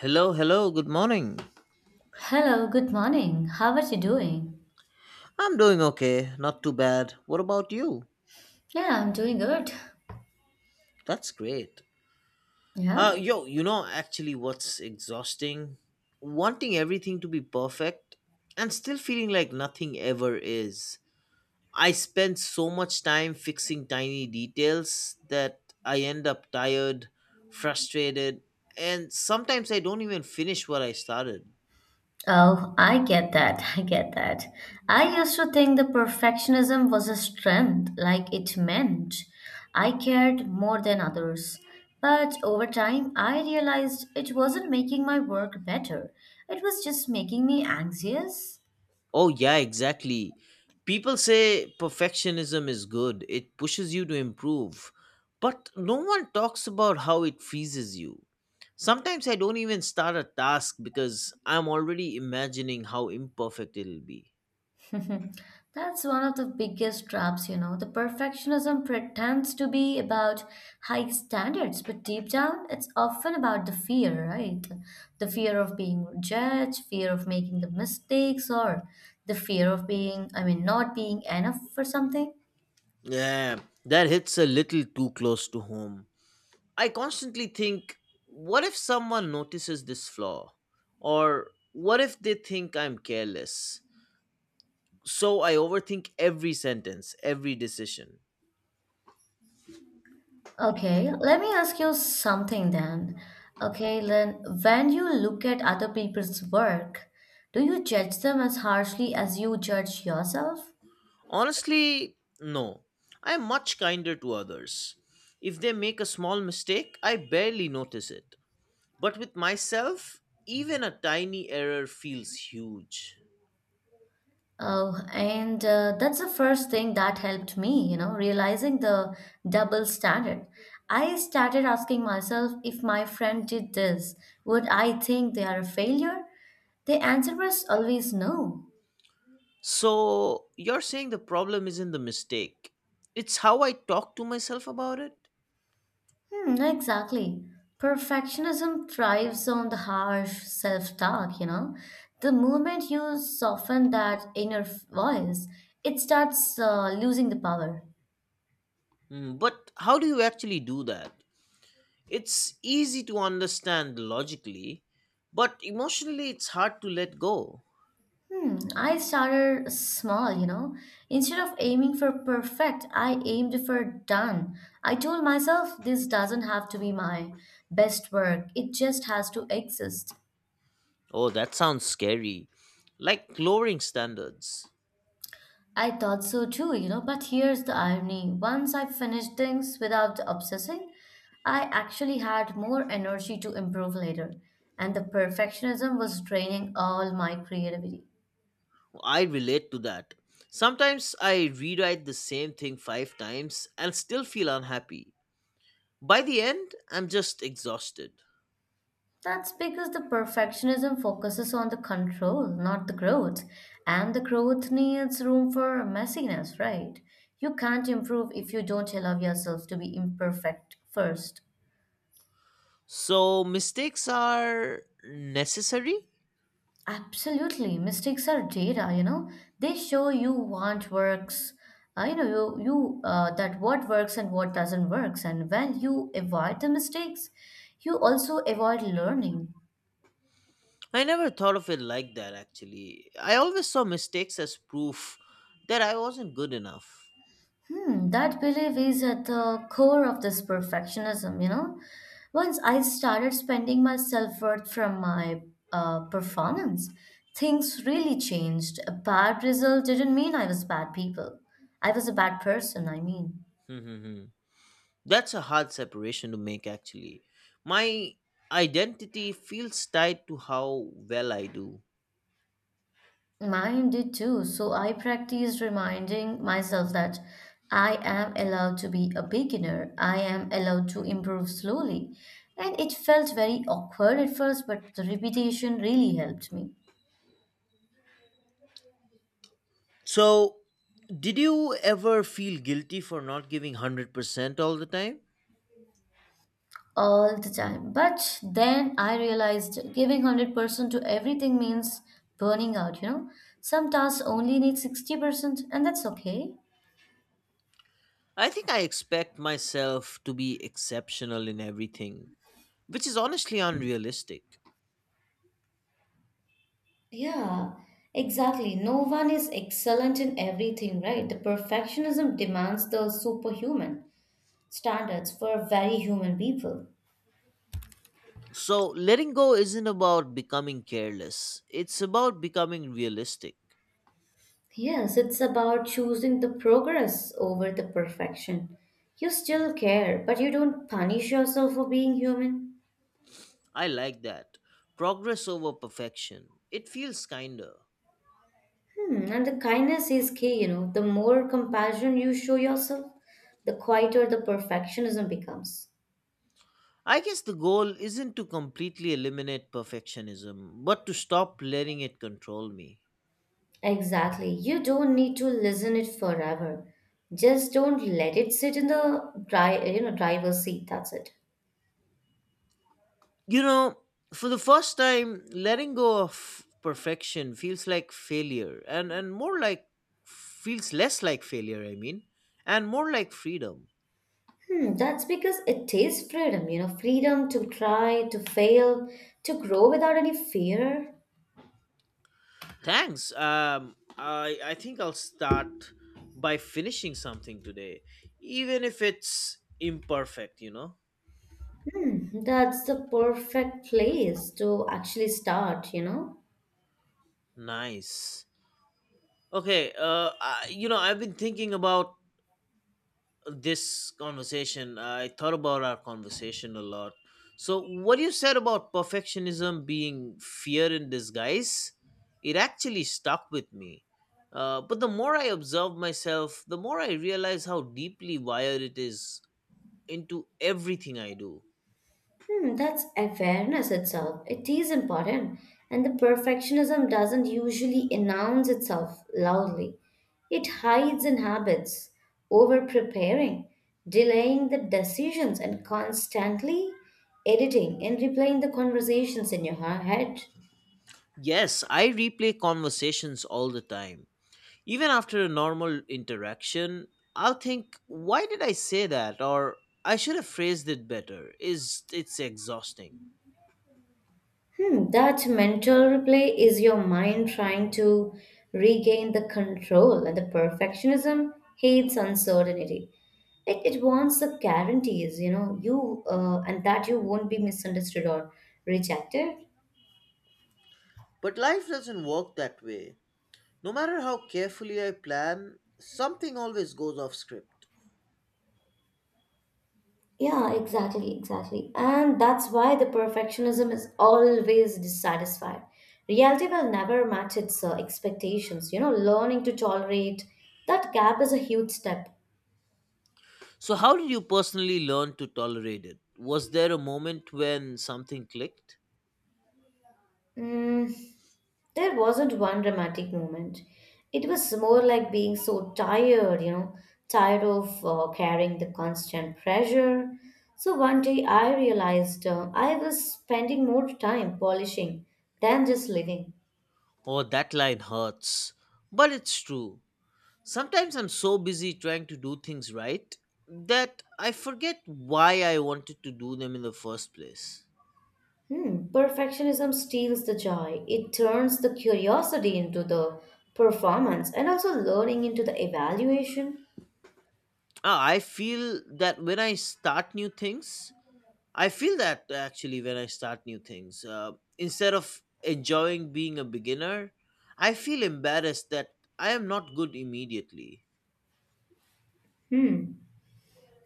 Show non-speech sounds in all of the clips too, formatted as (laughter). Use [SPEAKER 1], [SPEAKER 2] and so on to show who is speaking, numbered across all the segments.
[SPEAKER 1] Hello, good morning.
[SPEAKER 2] Hello, good morning. How are you doing?
[SPEAKER 1] I'm doing okay, not too bad. What about you?
[SPEAKER 2] Yeah, I'm doing good.
[SPEAKER 1] That's great. Uh
[SPEAKER 2] Yeah.
[SPEAKER 1] yo, you know actually what's exhausting? Wanting everything to be perfect and still feeling like nothing ever is. I spend so much time fixing tiny details that I end up tired, frustrated, and sometimes I don't even finish what I started.
[SPEAKER 2] Oh, I get that. (laughs) I get that. I used to think the perfectionism was a strength, like it meant I cared more than others. But over time, I realized it wasn't making my work better, it was just making me anxious.
[SPEAKER 1] Oh, yeah, exactly. People say perfectionism is good, it pushes you to improve. But no one talks about how it freezes you. Sometimes I don't even start a task because I'm already imagining how imperfect it'll be.
[SPEAKER 2] (laughs) That's one of the biggest traps, you know. The perfectionism pretends to be about high standards, but deep down, it's often about the fear, right? The fear of being judged, fear of making the mistakes, or the fear of being, not being enough for something.
[SPEAKER 1] Yeah, that hits a little too close to home. I constantly think, what if someone notices this flaw? Or what if they think I'm careless? So I overthink every sentence, every decision.
[SPEAKER 2] Okay, let me ask you something then. Okay, then when you look at other people's work, do you judge them as harshly as you judge yourself?
[SPEAKER 1] Honestly, no. I'm much kinder to others. If they make a small mistake, I barely notice it. But with myself, even a tiny error feels huge.
[SPEAKER 2] Oh, and that's the first thing that helped me, realizing the double standard. I started asking myself, if my friend did this, would I think they are a failure? The answer was always no.
[SPEAKER 1] So, you're saying the problem isn't the mistake, it's how I talk to myself about it?
[SPEAKER 2] Hmm, exactly. Perfectionism thrives on the harsh self-talk, you know. The moment you soften that inner voice, it starts losing the power.
[SPEAKER 1] Hmm, but how do you actually do that? It's easy to understand logically, but emotionally it's hard to let go.
[SPEAKER 2] Hmm, I started small, you know. Instead of aiming for perfect, I aimed for done. I told myself, this doesn't have to be my best work, it just has to exist.
[SPEAKER 1] Oh, that sounds scary. Like lowering standards.
[SPEAKER 2] I thought so too, you know, but here's the irony. Once I finished things without obsessing, I actually had more energy to improve later, and the perfectionism was draining all my creativity.
[SPEAKER 1] I relate to that. Sometimes I rewrite the same thing five times and still feel unhappy. By the end, I'm just exhausted.
[SPEAKER 2] That's because the perfectionism focuses on the control, not the growth. And the growth needs room for messiness, right? You can't improve if you don't allow yourself to be imperfect first.
[SPEAKER 1] So, mistakes are necessary?
[SPEAKER 2] Absolutely. Mistakes are data, you know. They show you what works, you know, you that what works and what doesn't works. And when you avoid the mistakes, you also avoid learning.
[SPEAKER 1] I never thought of it like that actually. I always saw mistakes as proof that I wasn't good enough.
[SPEAKER 2] Hmm, that belief is at the core of this perfectionism, you know. Once I started spending my self-worth from my performance, things really changed. A bad result didn't mean I was bad people. I was a bad person,
[SPEAKER 1] Hmm. Hmm, hmm. That's a hard separation to make actually. My identity feels tied to how well I do.
[SPEAKER 2] Mine did too. So I practiced reminding myself that I am allowed to be a beginner. I am allowed to improve slowly. And it felt very awkward at first, but the repetition really helped me.
[SPEAKER 1] So, did you ever feel guilty for not giving 100% all the time?
[SPEAKER 2] All the time. But then I realized giving 100% to everything means burning out, you know? Some tasks only need 60%, and that's okay.
[SPEAKER 1] I think I expect myself to be exceptional in everything, which is honestly unrealistic.
[SPEAKER 2] Yeah, exactly. No one is excellent in everything, right? The perfectionism demands the superhuman standards for very human people.
[SPEAKER 1] So, letting go isn't about becoming careless, it's about becoming realistic.
[SPEAKER 2] Yes, it's about choosing the progress over the perfection. You still care, but you don't punish yourself for being human.
[SPEAKER 1] I like that. Progress over perfection. It feels kinder.
[SPEAKER 2] Hmm, and the kindness is key, you know. The more compassion you show yourself, the quieter the perfectionism becomes.
[SPEAKER 1] I guess the goal isn't to completely eliminate perfectionism, but to stop letting it control me.
[SPEAKER 2] Exactly. You don't need to listen it forever. Just don't let it sit in the driver's seat. That's it.
[SPEAKER 1] You know, for the first time, letting go of perfection feels like failure and more like feels less like failure, I mean, and more like freedom.
[SPEAKER 2] Hmm, that's because it is freedom, you know, freedom to try, to fail, to grow without any fear.
[SPEAKER 1] Thanks. I think I'll start by finishing something today, even if it's imperfect.
[SPEAKER 2] Hmm, that's the perfect place to actually start, you know.
[SPEAKER 1] Nice. Okay, I've been thinking about this conversation. I thought about our conversation a lot. So what you said about perfectionism being fear in disguise, it actually stuck with me. But the more I observe myself, the more I realize how deeply wired it is into everything I do.
[SPEAKER 2] Hmm, that's awareness itself. It is important. And the perfectionism doesn't usually announce itself loudly. It hides in habits, over preparing, delaying the decisions, and constantly editing and replaying the conversations in your head.
[SPEAKER 1] Yes, I replay conversations all the time, even after a normal interaction. I'll think, why did I say that? Or I should have phrased it better. Is It's exhausting.
[SPEAKER 2] Hmm, that mental replay is your mind trying to regain the control, and the perfectionism hates uncertainty. It wants the guarantees, you know, you and that you won't be misunderstood or rejected.
[SPEAKER 1] But life doesn't work that way. No matter how carefully I plan, something always goes off script.
[SPEAKER 2] Yeah, exactly, exactly. And that's why the perfectionism is always dissatisfied. Reality will never match its expectations. You know, learning to tolerate that gap is a huge step.
[SPEAKER 1] So, how did you personally learn to tolerate it? Was there a moment when something clicked?
[SPEAKER 2] Mm, There wasn't one dramatic moment. It was more like being so tired, you know, tired of carrying the constant pressure. So one day I realized I was spending more time polishing than just living.
[SPEAKER 1] Oh, that line hurts. But it's true. Sometimes I'm so busy trying to do things right that I forget why I wanted to do them in the first place.
[SPEAKER 2] Hmm, perfectionism steals the joy. It turns the curiosity into the performance and also learning into the evaluation.
[SPEAKER 1] Ah, I feel that when I start new things, I feel that actually when I start new things, instead of enjoying being a beginner, I feel embarrassed that I am not good immediately.
[SPEAKER 2] Hmm.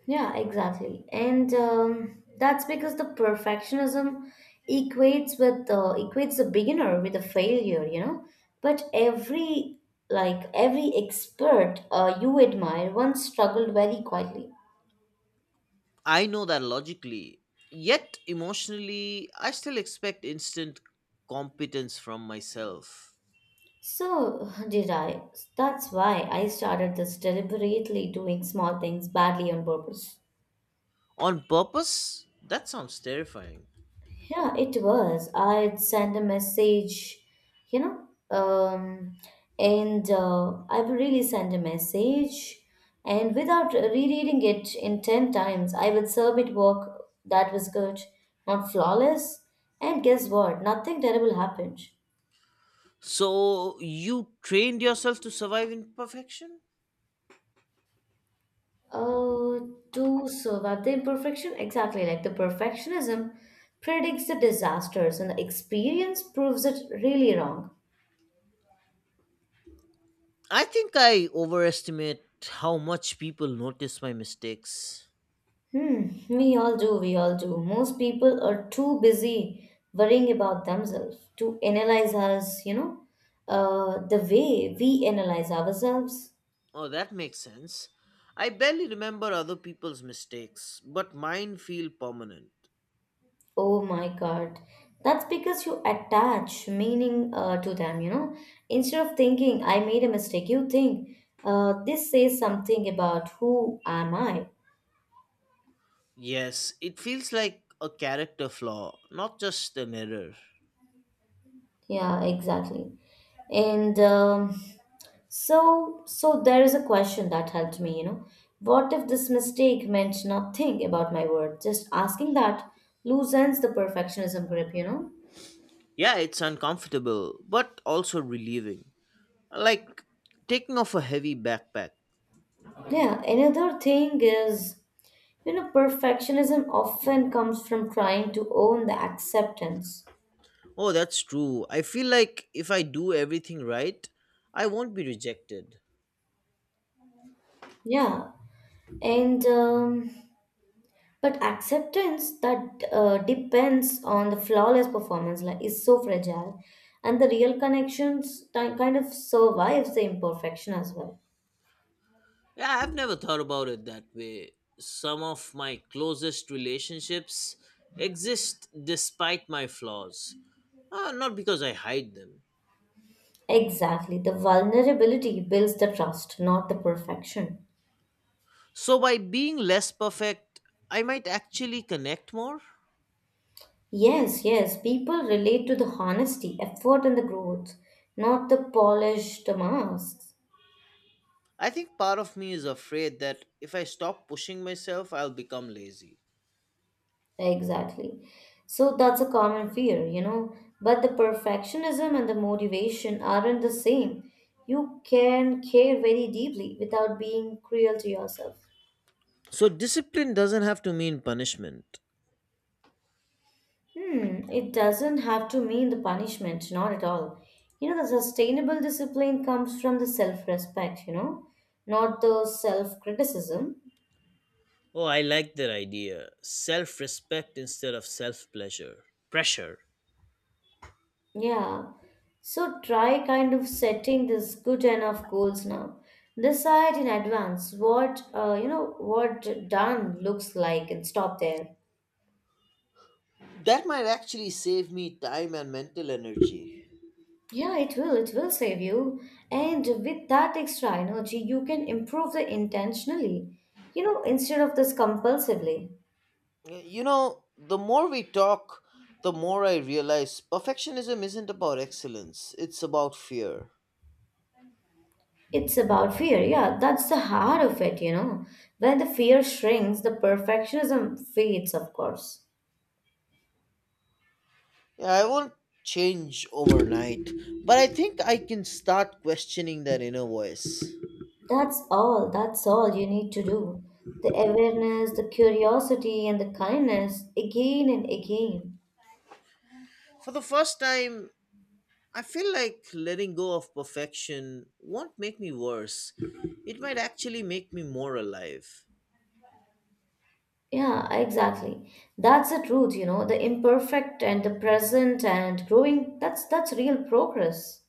[SPEAKER 2] Yeah, exactly. And That's because the perfectionism equates the beginner with a failure, you know. But every expert you admire once struggled very quietly.
[SPEAKER 1] I know that logically, yet emotionally, I still expect instant competence from myself.
[SPEAKER 2] So (laughs) did I. That's why I started this, deliberately doing small things badly on purpose.
[SPEAKER 1] On purpose? That sounds terrifying.
[SPEAKER 2] Yeah, it was. I'd send a message, you know, and I would really send a message, and without rereading it in 10 times, I would submit work that was good, not flawless, and guess what? Nothing terrible happened.
[SPEAKER 1] So, you trained yourself to survive imperfection?
[SPEAKER 2] Uh, to survive the imperfection, exactly. Like the perfectionism predicts the disasters, and the experience proves it really wrong.
[SPEAKER 1] I think I overestimate how much people notice my mistakes.
[SPEAKER 2] Hmm, we all do. Most people are too busy worrying about themselves to analyze us, the way we analyze ourselves.
[SPEAKER 1] Oh, that makes sense. I barely remember other people's mistakes, but mine feel permanent.
[SPEAKER 2] Oh my God. That's because you attach meaning to them, you know. Instead of thinking, I made a mistake, you think, this says something about who am I.
[SPEAKER 1] Yes, it feels like a character flaw, not just an error.
[SPEAKER 2] Yeah, exactly. And So there is a question that helped me, you know. What if this mistake meant nothing about my word? Just asking that loosens the perfectionism grip, you know.
[SPEAKER 1] Yeah, it's uncomfortable, but also relieving. Like taking off a heavy backpack.
[SPEAKER 2] Yeah, another thing is, you know, perfectionism often comes from trying to own the acceptance.
[SPEAKER 1] Oh, that's true. I feel like if I do everything right, I won't be rejected.
[SPEAKER 2] Yeah, and But acceptance that depends on the flawless performance like is so fragile, and the real connections kind of survives the imperfection as well.
[SPEAKER 1] Yeah, I've never thought about it that way. Some of my closest relationships exist despite my flaws, not because I hide them.
[SPEAKER 2] Exactly. The vulnerability builds the trust, not the perfection.
[SPEAKER 1] So, by being less perfect, I might actually connect more.
[SPEAKER 2] Yes. People relate to the honesty, effort, and the growth, not the polished masks.
[SPEAKER 1] I think part of me is afraid that if I stop pushing myself, I'll become lazy.
[SPEAKER 2] Exactly. So that's a common fear, you know. But the perfectionism and the motivation aren't the same. You can care very deeply without being cruel to yourself.
[SPEAKER 1] So, discipline doesn't have to mean punishment.
[SPEAKER 2] Hmm, it doesn't have to mean the punishment, not at all. You know, the sustainable discipline comes from the self respect, you know, not the self criticism.
[SPEAKER 1] Oh, I like that idea. Self respect instead of self pleasure. Pressure.
[SPEAKER 2] Yeah. So try kind of setting this good enough goals now. Decide in advance what done looks like and stop there.
[SPEAKER 1] That might actually save me time and mental energy.
[SPEAKER 2] Yeah, it will. It will save you. And with that extra energy, you can improve the intentionally, you know, instead of this compulsively.
[SPEAKER 1] You know, the more we talk, the more I realize perfectionism isn't about excellence, it's about fear.
[SPEAKER 2] It's about fear. Yeah, that's the heart of it, you know. When the fear shrinks, the perfectionism fades, of course.
[SPEAKER 1] Yeah, I won't change overnight, but I think I can start questioning that inner voice.
[SPEAKER 2] That's all. That's all you need to do. The awareness, the curiosity, and the kindness again and again.
[SPEAKER 1] For the first time, I feel like letting go of perfection won't make me worse, it might actually make me more alive.
[SPEAKER 2] Yeah, exactly. That's the truth, you know. The imperfect and the present and growing, that's real progress.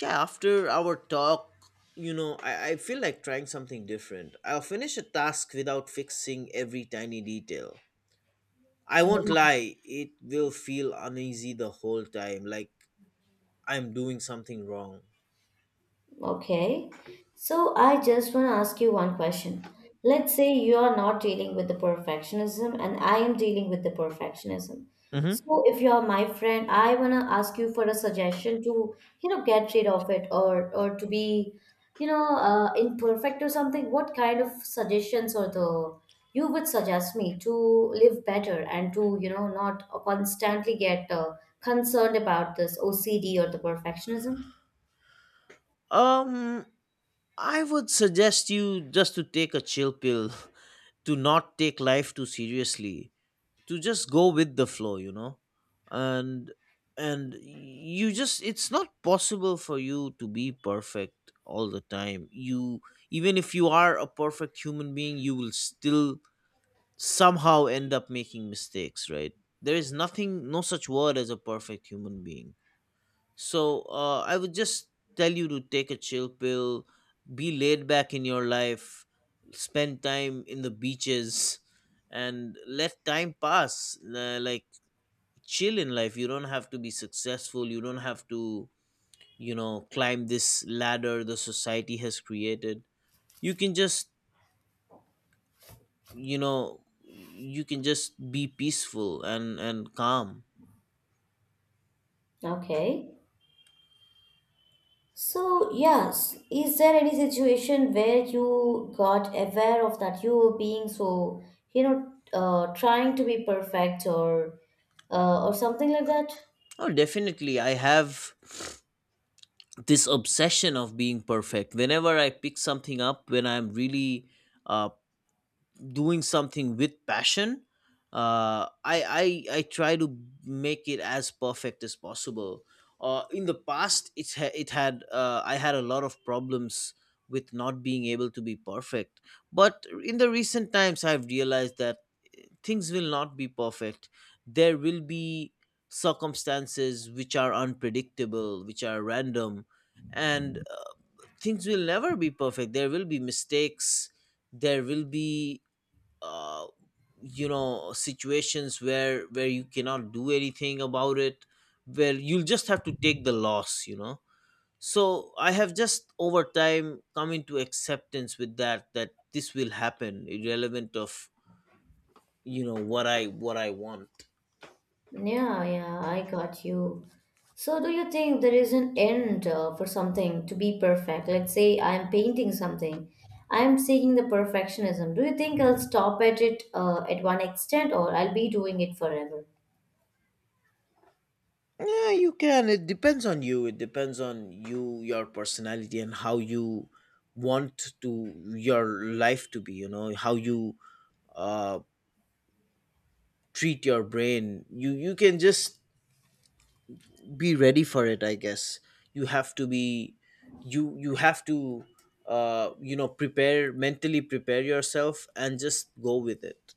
[SPEAKER 1] Yeah, after our talk, I feel like trying something different. I'll finish a task without fixing every tiny detail. I
[SPEAKER 2] Yeah.
[SPEAKER 1] won't lie, it will feel uneasy the whole time, like I'm doing something wrong.
[SPEAKER 2] Okay. So I just want to ask you one question. Let's say you are not dealing with the perfectionism and I am dealing with the perfectionism.
[SPEAKER 1] Mm-hmm.
[SPEAKER 2] So if you are my friend, I want to ask you for a suggestion to, you know, get rid of it or to be, imperfect or something. What kind of suggestions or the you would suggest me to live better and to, you know, not constantly get concerned about this OCD or the perfectionism?
[SPEAKER 1] um I would suggest you just to take a chill pill (laughs) to not take life too seriously, to just go with the flow. and and you just it's not possible for you to be perfect all the time. You, even if you are a perfect human being, you will still somehow end up making mistakes, right? There is nothing, no such word as a perfect human being. So I would just tell you to take a chill pill, be laid back in your life, spend time in the beaches, and let time pass. Like chill in life. You don't have to be successful. You don't have to, climb this ladder the society has created. You can just, you can just be peaceful and calm.
[SPEAKER 2] Okay. So, yes, is there any situation where you got aware of that you were being so, trying to be perfect or something like that?
[SPEAKER 1] Oh, definitely. I have. This obsession of being perfect, whenever I pick something up, when I'm really uh, doing something with passion, I try to make it as perfect as possible. In the past, it had, I had a lot of problems with not being able to be perfect. But in the recent times, I've realized that things will not be perfect. There will be circumstances which are unpredictable, which are random. And things will never be perfect. There will be mistakes. There will be, uh, situations where you cannot do anything about it, where you'll just have to take the loss. So I have just, over time, come into acceptance with that, that this will happen irrelevant of, what I want.
[SPEAKER 2] Yeah, yeah, I got you. So, do you think there is an end for something to be perfect? Let's say I'm painting something, I'm seeking the perfectionism. Do you think I'll stop at it at one extent or I'll be doing it forever?
[SPEAKER 1] Yeah, you can. It depends on you. It depends on you, your personality, and how you want to your life to be. You know how you uh, treat your brain. You can just be ready for it. I guess you have to be. You have to prepare mentally, prepare yourself, and just go with it.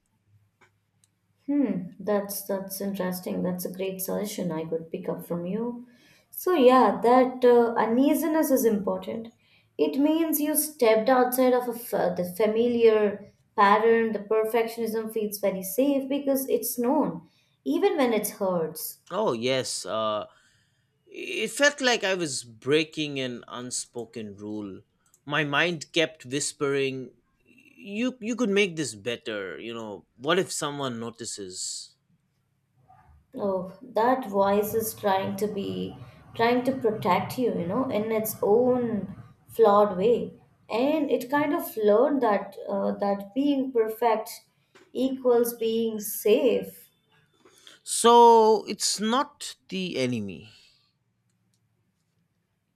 [SPEAKER 2] Hmm, that's interesting. That's a great suggestion I could pick up from you. So yeah, that uneasiness is important. It means you stepped outside of the familiar pattern. The perfectionism feels very safe because it's known, even when it hurts.
[SPEAKER 1] Oh yes. It felt like I was breaking an unspoken rule. My mind kept whispering, "You could make this better, you know. What if someone notices?"
[SPEAKER 2] Oh, that voice is trying to be, trying to protect you, you know, in its own flawed way. And it kind of learned that being perfect equals being safe.
[SPEAKER 1] So, it's not the enemy.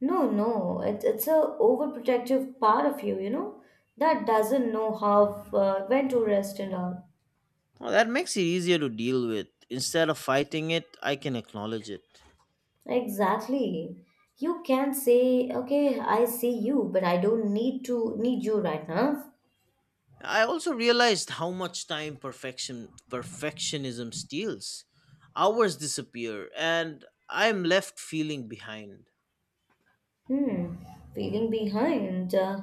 [SPEAKER 2] No, no, It's a overprotective part of you, you know, that doesn't know how when to rest and all.
[SPEAKER 1] Well, that makes it easier to deal with. Instead of fighting it, I can acknowledge it.
[SPEAKER 2] Exactly. You can say, okay, I see you, but I don't need to need you right now.
[SPEAKER 1] I also realized how much time perfectionism steals. Hours disappear and I'm left feeling behind.
[SPEAKER 2] Hmm, feeling behind.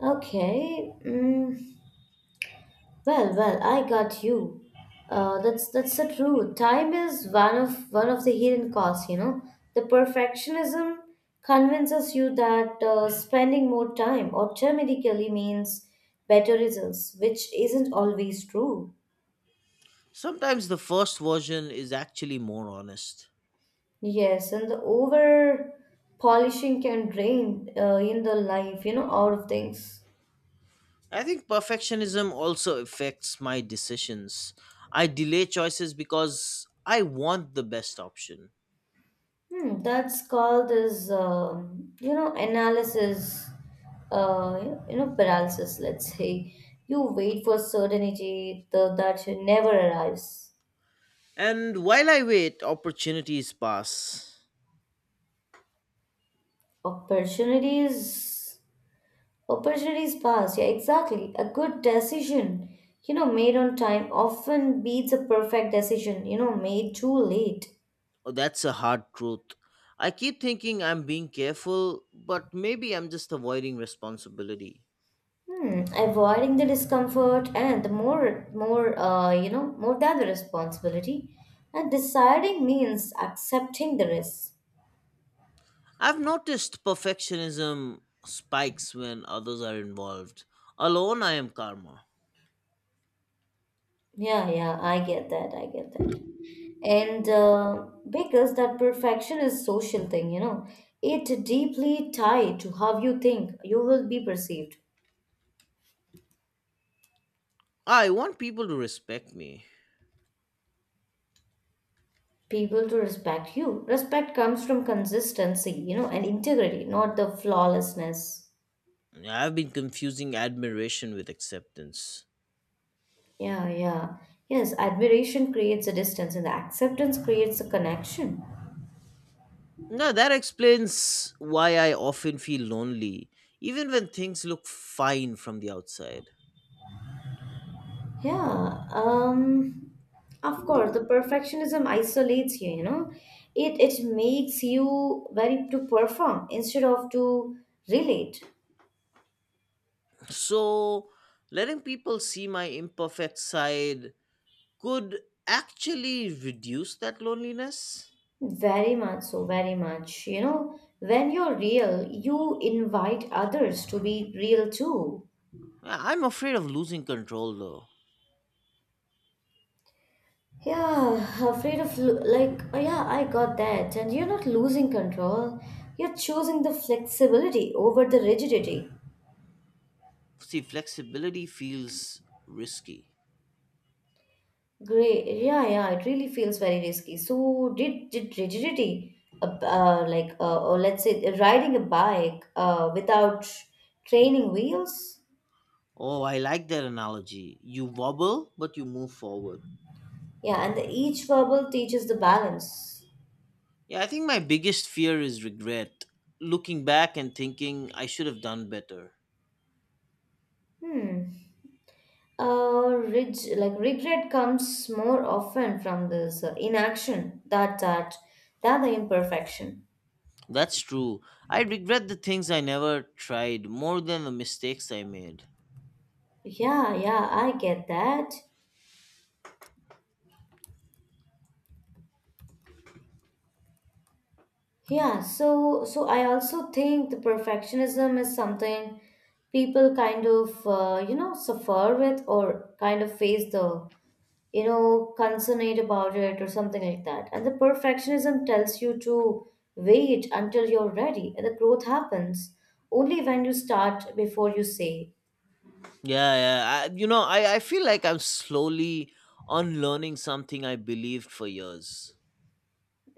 [SPEAKER 2] okay. Mm, I got you. That's the truth. Time is one of the hidden costs. You know, the perfectionism convinces you that spending more time automatically means better results, which isn't always true.
[SPEAKER 1] Sometimes the first version is actually more honest.
[SPEAKER 2] Yes, and the over polishing can drain in the life. You know, out of things.
[SPEAKER 1] I think perfectionism also affects my decisions. I delay choices because I want the best option.
[SPEAKER 2] Hmm, that's called as you know, analysis, uh, you know, paralysis. Let's say you wait for certainty that should never arrives.
[SPEAKER 1] And while I wait, opportunities pass.
[SPEAKER 2] Opportunities, opportunities pass. Yeah, exactly. A good decision, you know, made on time often beats a perfect decision, you know, made too late.
[SPEAKER 1] Oh, that's a hard truth. I keep thinking I'm being careful, but maybe I'm just avoiding responsibility.
[SPEAKER 2] Hmm, avoiding the discomfort and the more, more, you know, more than the responsibility. And deciding means accepting the risk.
[SPEAKER 1] I've noticed perfectionism spikes when others are involved. Alone, I am calmer.
[SPEAKER 2] Yeah, yeah, I get that. I get that. And because that perfection is social thing, it deeply tied to how you think you will be perceived.
[SPEAKER 1] I want people to respect me.
[SPEAKER 2] People to respect you. Respect comes from consistency, and integrity, not the flawlessness.
[SPEAKER 1] I've been confusing admiration with acceptance.
[SPEAKER 2] Yeah, yeah. Yes, admiration creates a distance and the acceptance creates a connection.
[SPEAKER 1] Now, that explains why I often feel lonely, even when things look fine from the outside.
[SPEAKER 2] Yeah. Of course, the perfectionism isolates you, you know. It makes you very to perform instead of to relate.
[SPEAKER 1] So, letting people see my imperfect side could actually reduce that loneliness.
[SPEAKER 2] Very much so, very much. When you're real, you invite others to be real too.
[SPEAKER 1] I'm afraid of losing control though.
[SPEAKER 2] Yeah, afraid of like oh yeah, I got that. And you're not losing control. You're choosing the flexibility over the rigidity.
[SPEAKER 1] See, flexibility feels risky.
[SPEAKER 2] Great. Yeah, yeah, it really feels very risky. So did rigidity like or let's say riding a bike without training wheels?
[SPEAKER 1] Oh, I like that analogy. You wobble, but you move forward.
[SPEAKER 2] Yeah, and the each verbal teaches the balance.
[SPEAKER 1] Yeah, I think my biggest fear is regret. Looking back and thinking I should have done better.
[SPEAKER 2] Hmm. Like regret comes more often from this inaction that the imperfection.
[SPEAKER 1] That's true. I regret the things I never tried more than the mistakes I made.
[SPEAKER 2] Yeah, yeah, I get that. Yeah, so I also think the perfectionism is something people kind of suffer with or kind of face the consummate about it or something like that. And the perfectionism tells you to wait until you're ready. And the growth happens only when you start before you say,
[SPEAKER 1] Yeah, yeah. I feel like I'm slowly unlearning something I believed for years.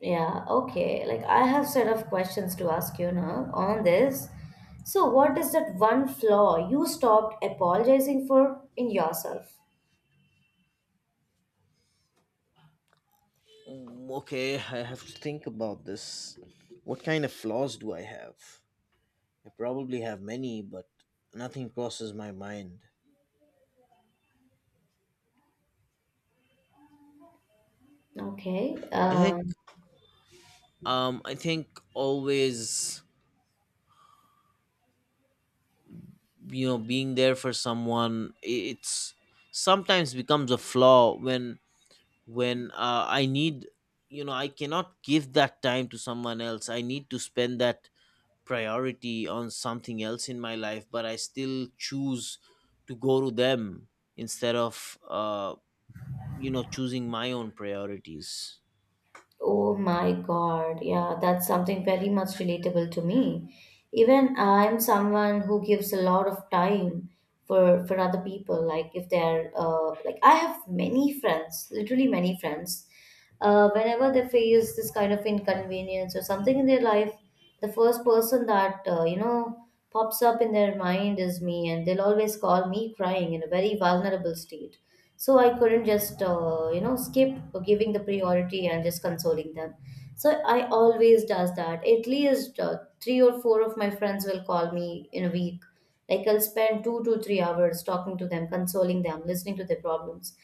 [SPEAKER 2] yeah, okay. Like I have set of questions to ask you now on this. So what is that one flaw you stopped apologizing for in yourself?
[SPEAKER 1] Mm, okay, I have to think about this. What kind of flaws do I have? I probably have many, but nothing crosses my mind.
[SPEAKER 2] Okay.
[SPEAKER 1] I think I think always, you know, being there for someone, I- it's sometimes becomes a flaw when I need, I cannot give that time to someone else. I need to spend that priority on something else in my life, but I still choose to go to them instead of choosing my own priorities.
[SPEAKER 2] Oh my God. Yeah, that's something very much relatable to me. Even I'm someone who gives a lot of time for other people. Like if they're like I have many friends, literally many friends. Whenever they face this kind of inconvenience or something in their life, the first person that pops up in their mind is me, and they'll always call me crying in a very vulnerable state. So I couldn't just skip giving the priority and just consoling them. So I always does that, at least three or four of my friends will call me in a week. Like, I'll spend 2 to 3 hours talking to them, consoling them, listening to their problems.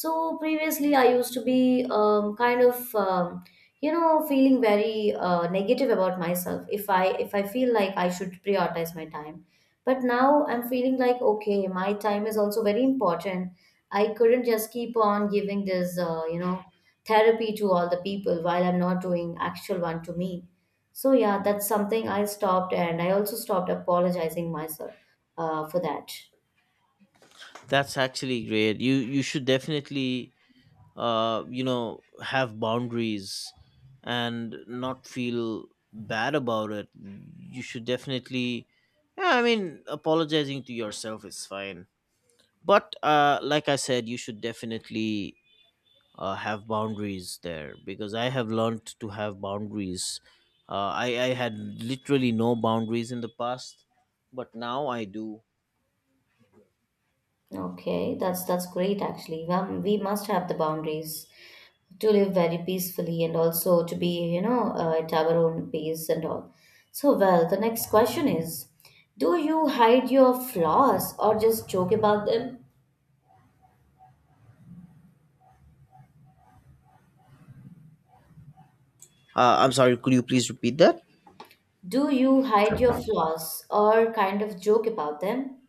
[SPEAKER 2] So previously I used to be kind of feeling very negative about myself if I feel like I should prioritize my time. But now I'm feeling like, okay, my time is also very important. I couldn't just keep on giving this, therapy to all the people while I'm not doing actual one to me. So yeah, that's something I stopped, and I also stopped apologizing myself for that.
[SPEAKER 1] That's actually great. You should definitely have boundaries and not feel bad about it. You should definitely, yeah, I mean, apologizing to yourself is fine. But like I said, you should definitely have boundaries there because I have learned to have boundaries. I had literally no boundaries in the past, but now I do.
[SPEAKER 2] Okay, that's great actually. We must have the boundaries to live very peacefully and also to be, at our own pace and all. So well, the next question is, do you hide your flaws or just joke about them?
[SPEAKER 1] I'm sorry, could you please repeat that?
[SPEAKER 2] Do you hide your flaws or kind of joke about them?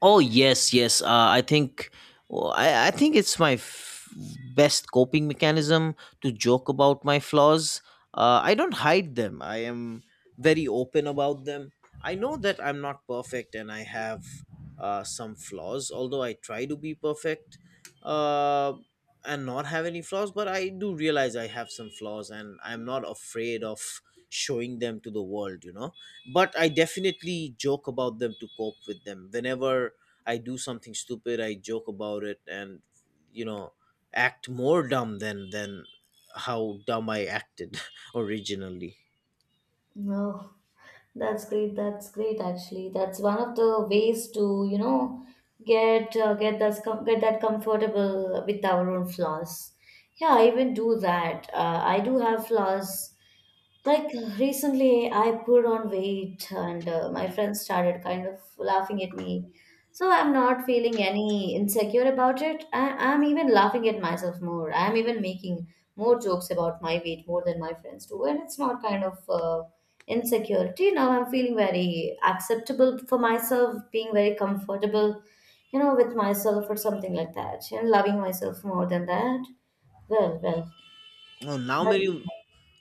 [SPEAKER 1] Oh yes, yes. I think well, I think it's my best coping mechanism to joke about my flaws. I don't hide them. I am very open about them. I know that I'm not perfect and I have some flaws. Although I try to be perfect uh, and not have any flaws, but I do realize I have some flaws and I'm not afraid of showing them to the world. You know, but I definitely joke about them to cope with them. Whenever I do something stupid, I joke about it and you know act more dumb than how dumb I acted (laughs) originally.
[SPEAKER 2] No, that's great. That's great. Actually, that's one of the ways to get that comfortable with our own flaws. Yeah, I even do that. I do have flaws, like recently, I put on weight, and my friends started kind of laughing at me. So I'm not feeling any insecure about it. I'm even laughing at myself more. I'm even making more jokes about my weight more than my friends do, and it's not kind of insecurity. Now I'm feeling very acceptable for myself, being very comfortable, with myself or something like that, and loving myself more than that. Well,
[SPEAKER 1] Well, now many
[SPEAKER 2] well.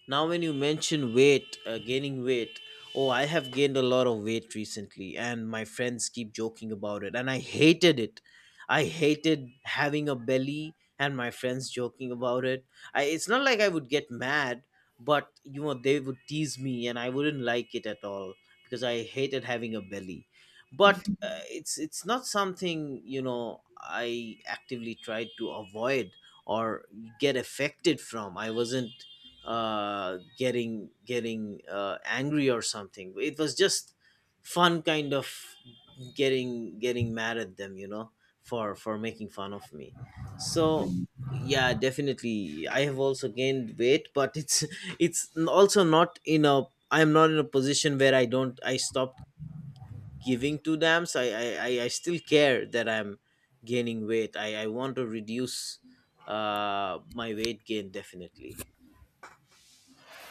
[SPEAKER 1] Now when you mention weight, gaining weight, oh, I have gained a lot of weight recently and my friends keep joking about it, and I hated it. I hated having a belly and my friends joking about it. It's not like I would get mad, but they would tease me and I wouldn't like it at all because I hated having a belly. But it's not something, I actively tried to avoid or get affected from. I wasn't getting angry or something. It was just fun, kind of getting mad at them, for making fun of me. So yeah, definitely, I have also gained weight, but it's (laughs) it's also not in a. I am not in a position where I don't. I stopped giving two dams. I still care that I'm gaining weight. I want to reduce my weight gain definitely.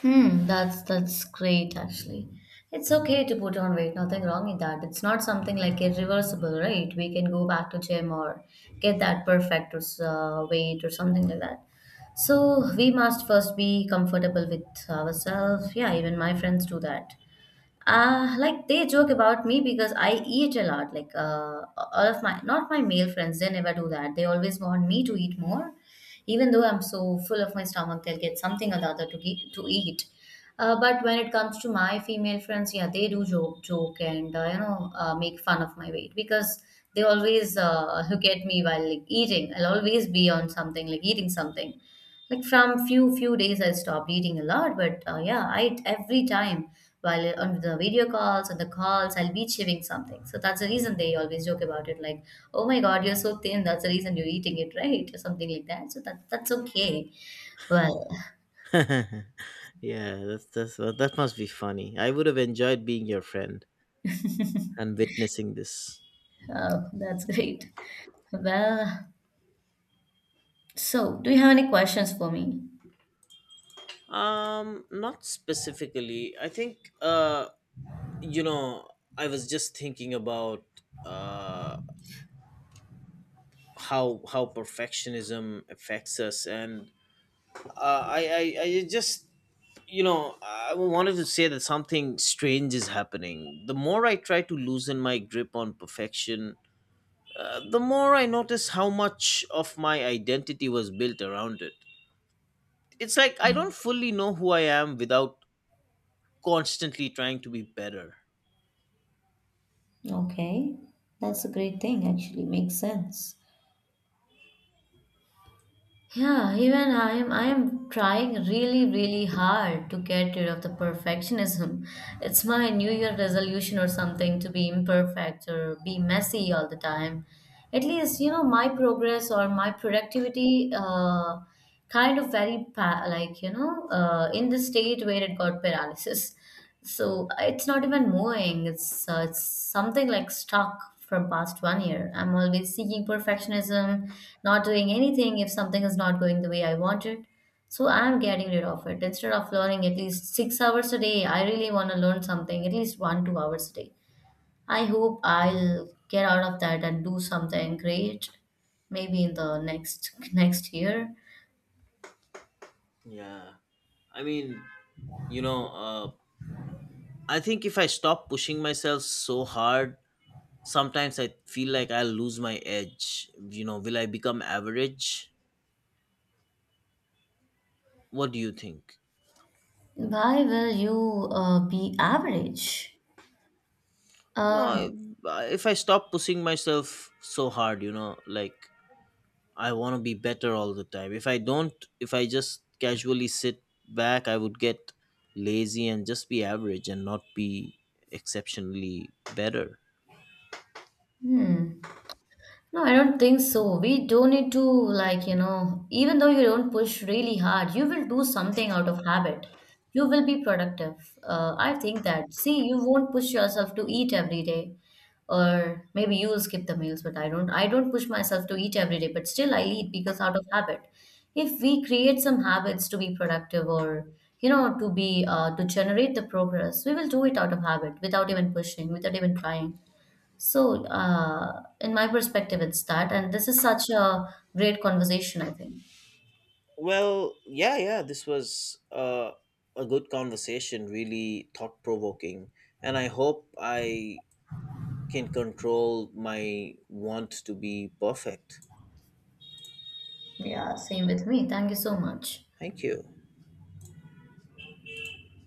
[SPEAKER 2] Hmm, that's great actually. It's okay to put on weight, nothing wrong in that. It's not something like irreversible, right? We can go back to gym or get that perfect weight or something like that. So we must first be comfortable with ourselves. Yeah, even my friends do that. Like they joke about me because I eat a lot. Like all of my, not my male friends, they never do that. They always want me to eat more, even though I'm so full of my stomach. They'll get something or the other to to eat. But when it comes to my female friends, yeah, they do joke, and make fun of my weight because they always look at me while, like, eating. I'll always be on something like eating something. Like from few days I stopped eating a lot, but yeah, I eat every time while on the video calls and the calls I'll be chewing something. So that's the reason they always joke about it, like, oh my God, you're so thin, that's the reason you're eating it (laughs) right or something like that. So that's okay. Well,
[SPEAKER 1] (laughs) Yeah, that must be funny. I would have enjoyed being your friend and witnessing this.
[SPEAKER 2] that's (laughs) great. Well, so do you have any questions for me?
[SPEAKER 1] Not specifically. I think you know, I was just thinking about uh how perfectionism affects us, and I just you know I wanted to say that something strange is happening. The more I try to loosen my grip on perfection, the more I notice how much of my identity was built around it. It's like I don't fully know who I am without constantly trying to be better.
[SPEAKER 2] Okay, that's a great thing, actually, makes sense. Yeah, even I'm trying really really hard to get rid of the perfectionism. It's my New Year resolution or something to be imperfect or be messy all the time. At least, my progress or my productivity kind of very like in the state where it got paralysis. So it's not even moving. It's something like stuck from past one year. I'm always seeking perfectionism, not doing anything if something is not going the way I want it. So I'm getting rid of it. Instead of learning at least 6 hours a day, I really want to learn something at least 1 2 hours a day. I hope I'll get out of that and do something great, maybe in the next (laughs) next year.
[SPEAKER 1] Yeah. I mean, you know, I think if I stop pushing myself so hard, sometimes I feel like I'll lose my edge. You know, will I become average? What do you think?
[SPEAKER 2] Why will you be average?
[SPEAKER 1] No,
[SPEAKER 2] Um,
[SPEAKER 1] if I stop pushing myself so hard, you know, like I want to be better all the time. If I don't, if I just casually sit back, I would get lazy and just be average and not be exceptionally better.
[SPEAKER 2] hmm. No, I don't think so. We don't need to, like, even though you don't push really hard, you will do something out of habit. You will be productive. I think that. See, you won't push yourself to eat every day, or maybe you will skip the meals, but I don't. I don't push myself to eat every day, but still I eat because out of habit. If we create some habits to be productive, or to generate the progress, we will do it out of habit without even pushing, without even trying. So, in my perspective, it's that. And this is such a great conversation, I think.
[SPEAKER 1] Well, yeah, yeah, this was a good conversation, really thought provoking. And I hope I can control my want to be perfect.
[SPEAKER 2] Yeah, same with me. Thank you so much.
[SPEAKER 1] Thank you.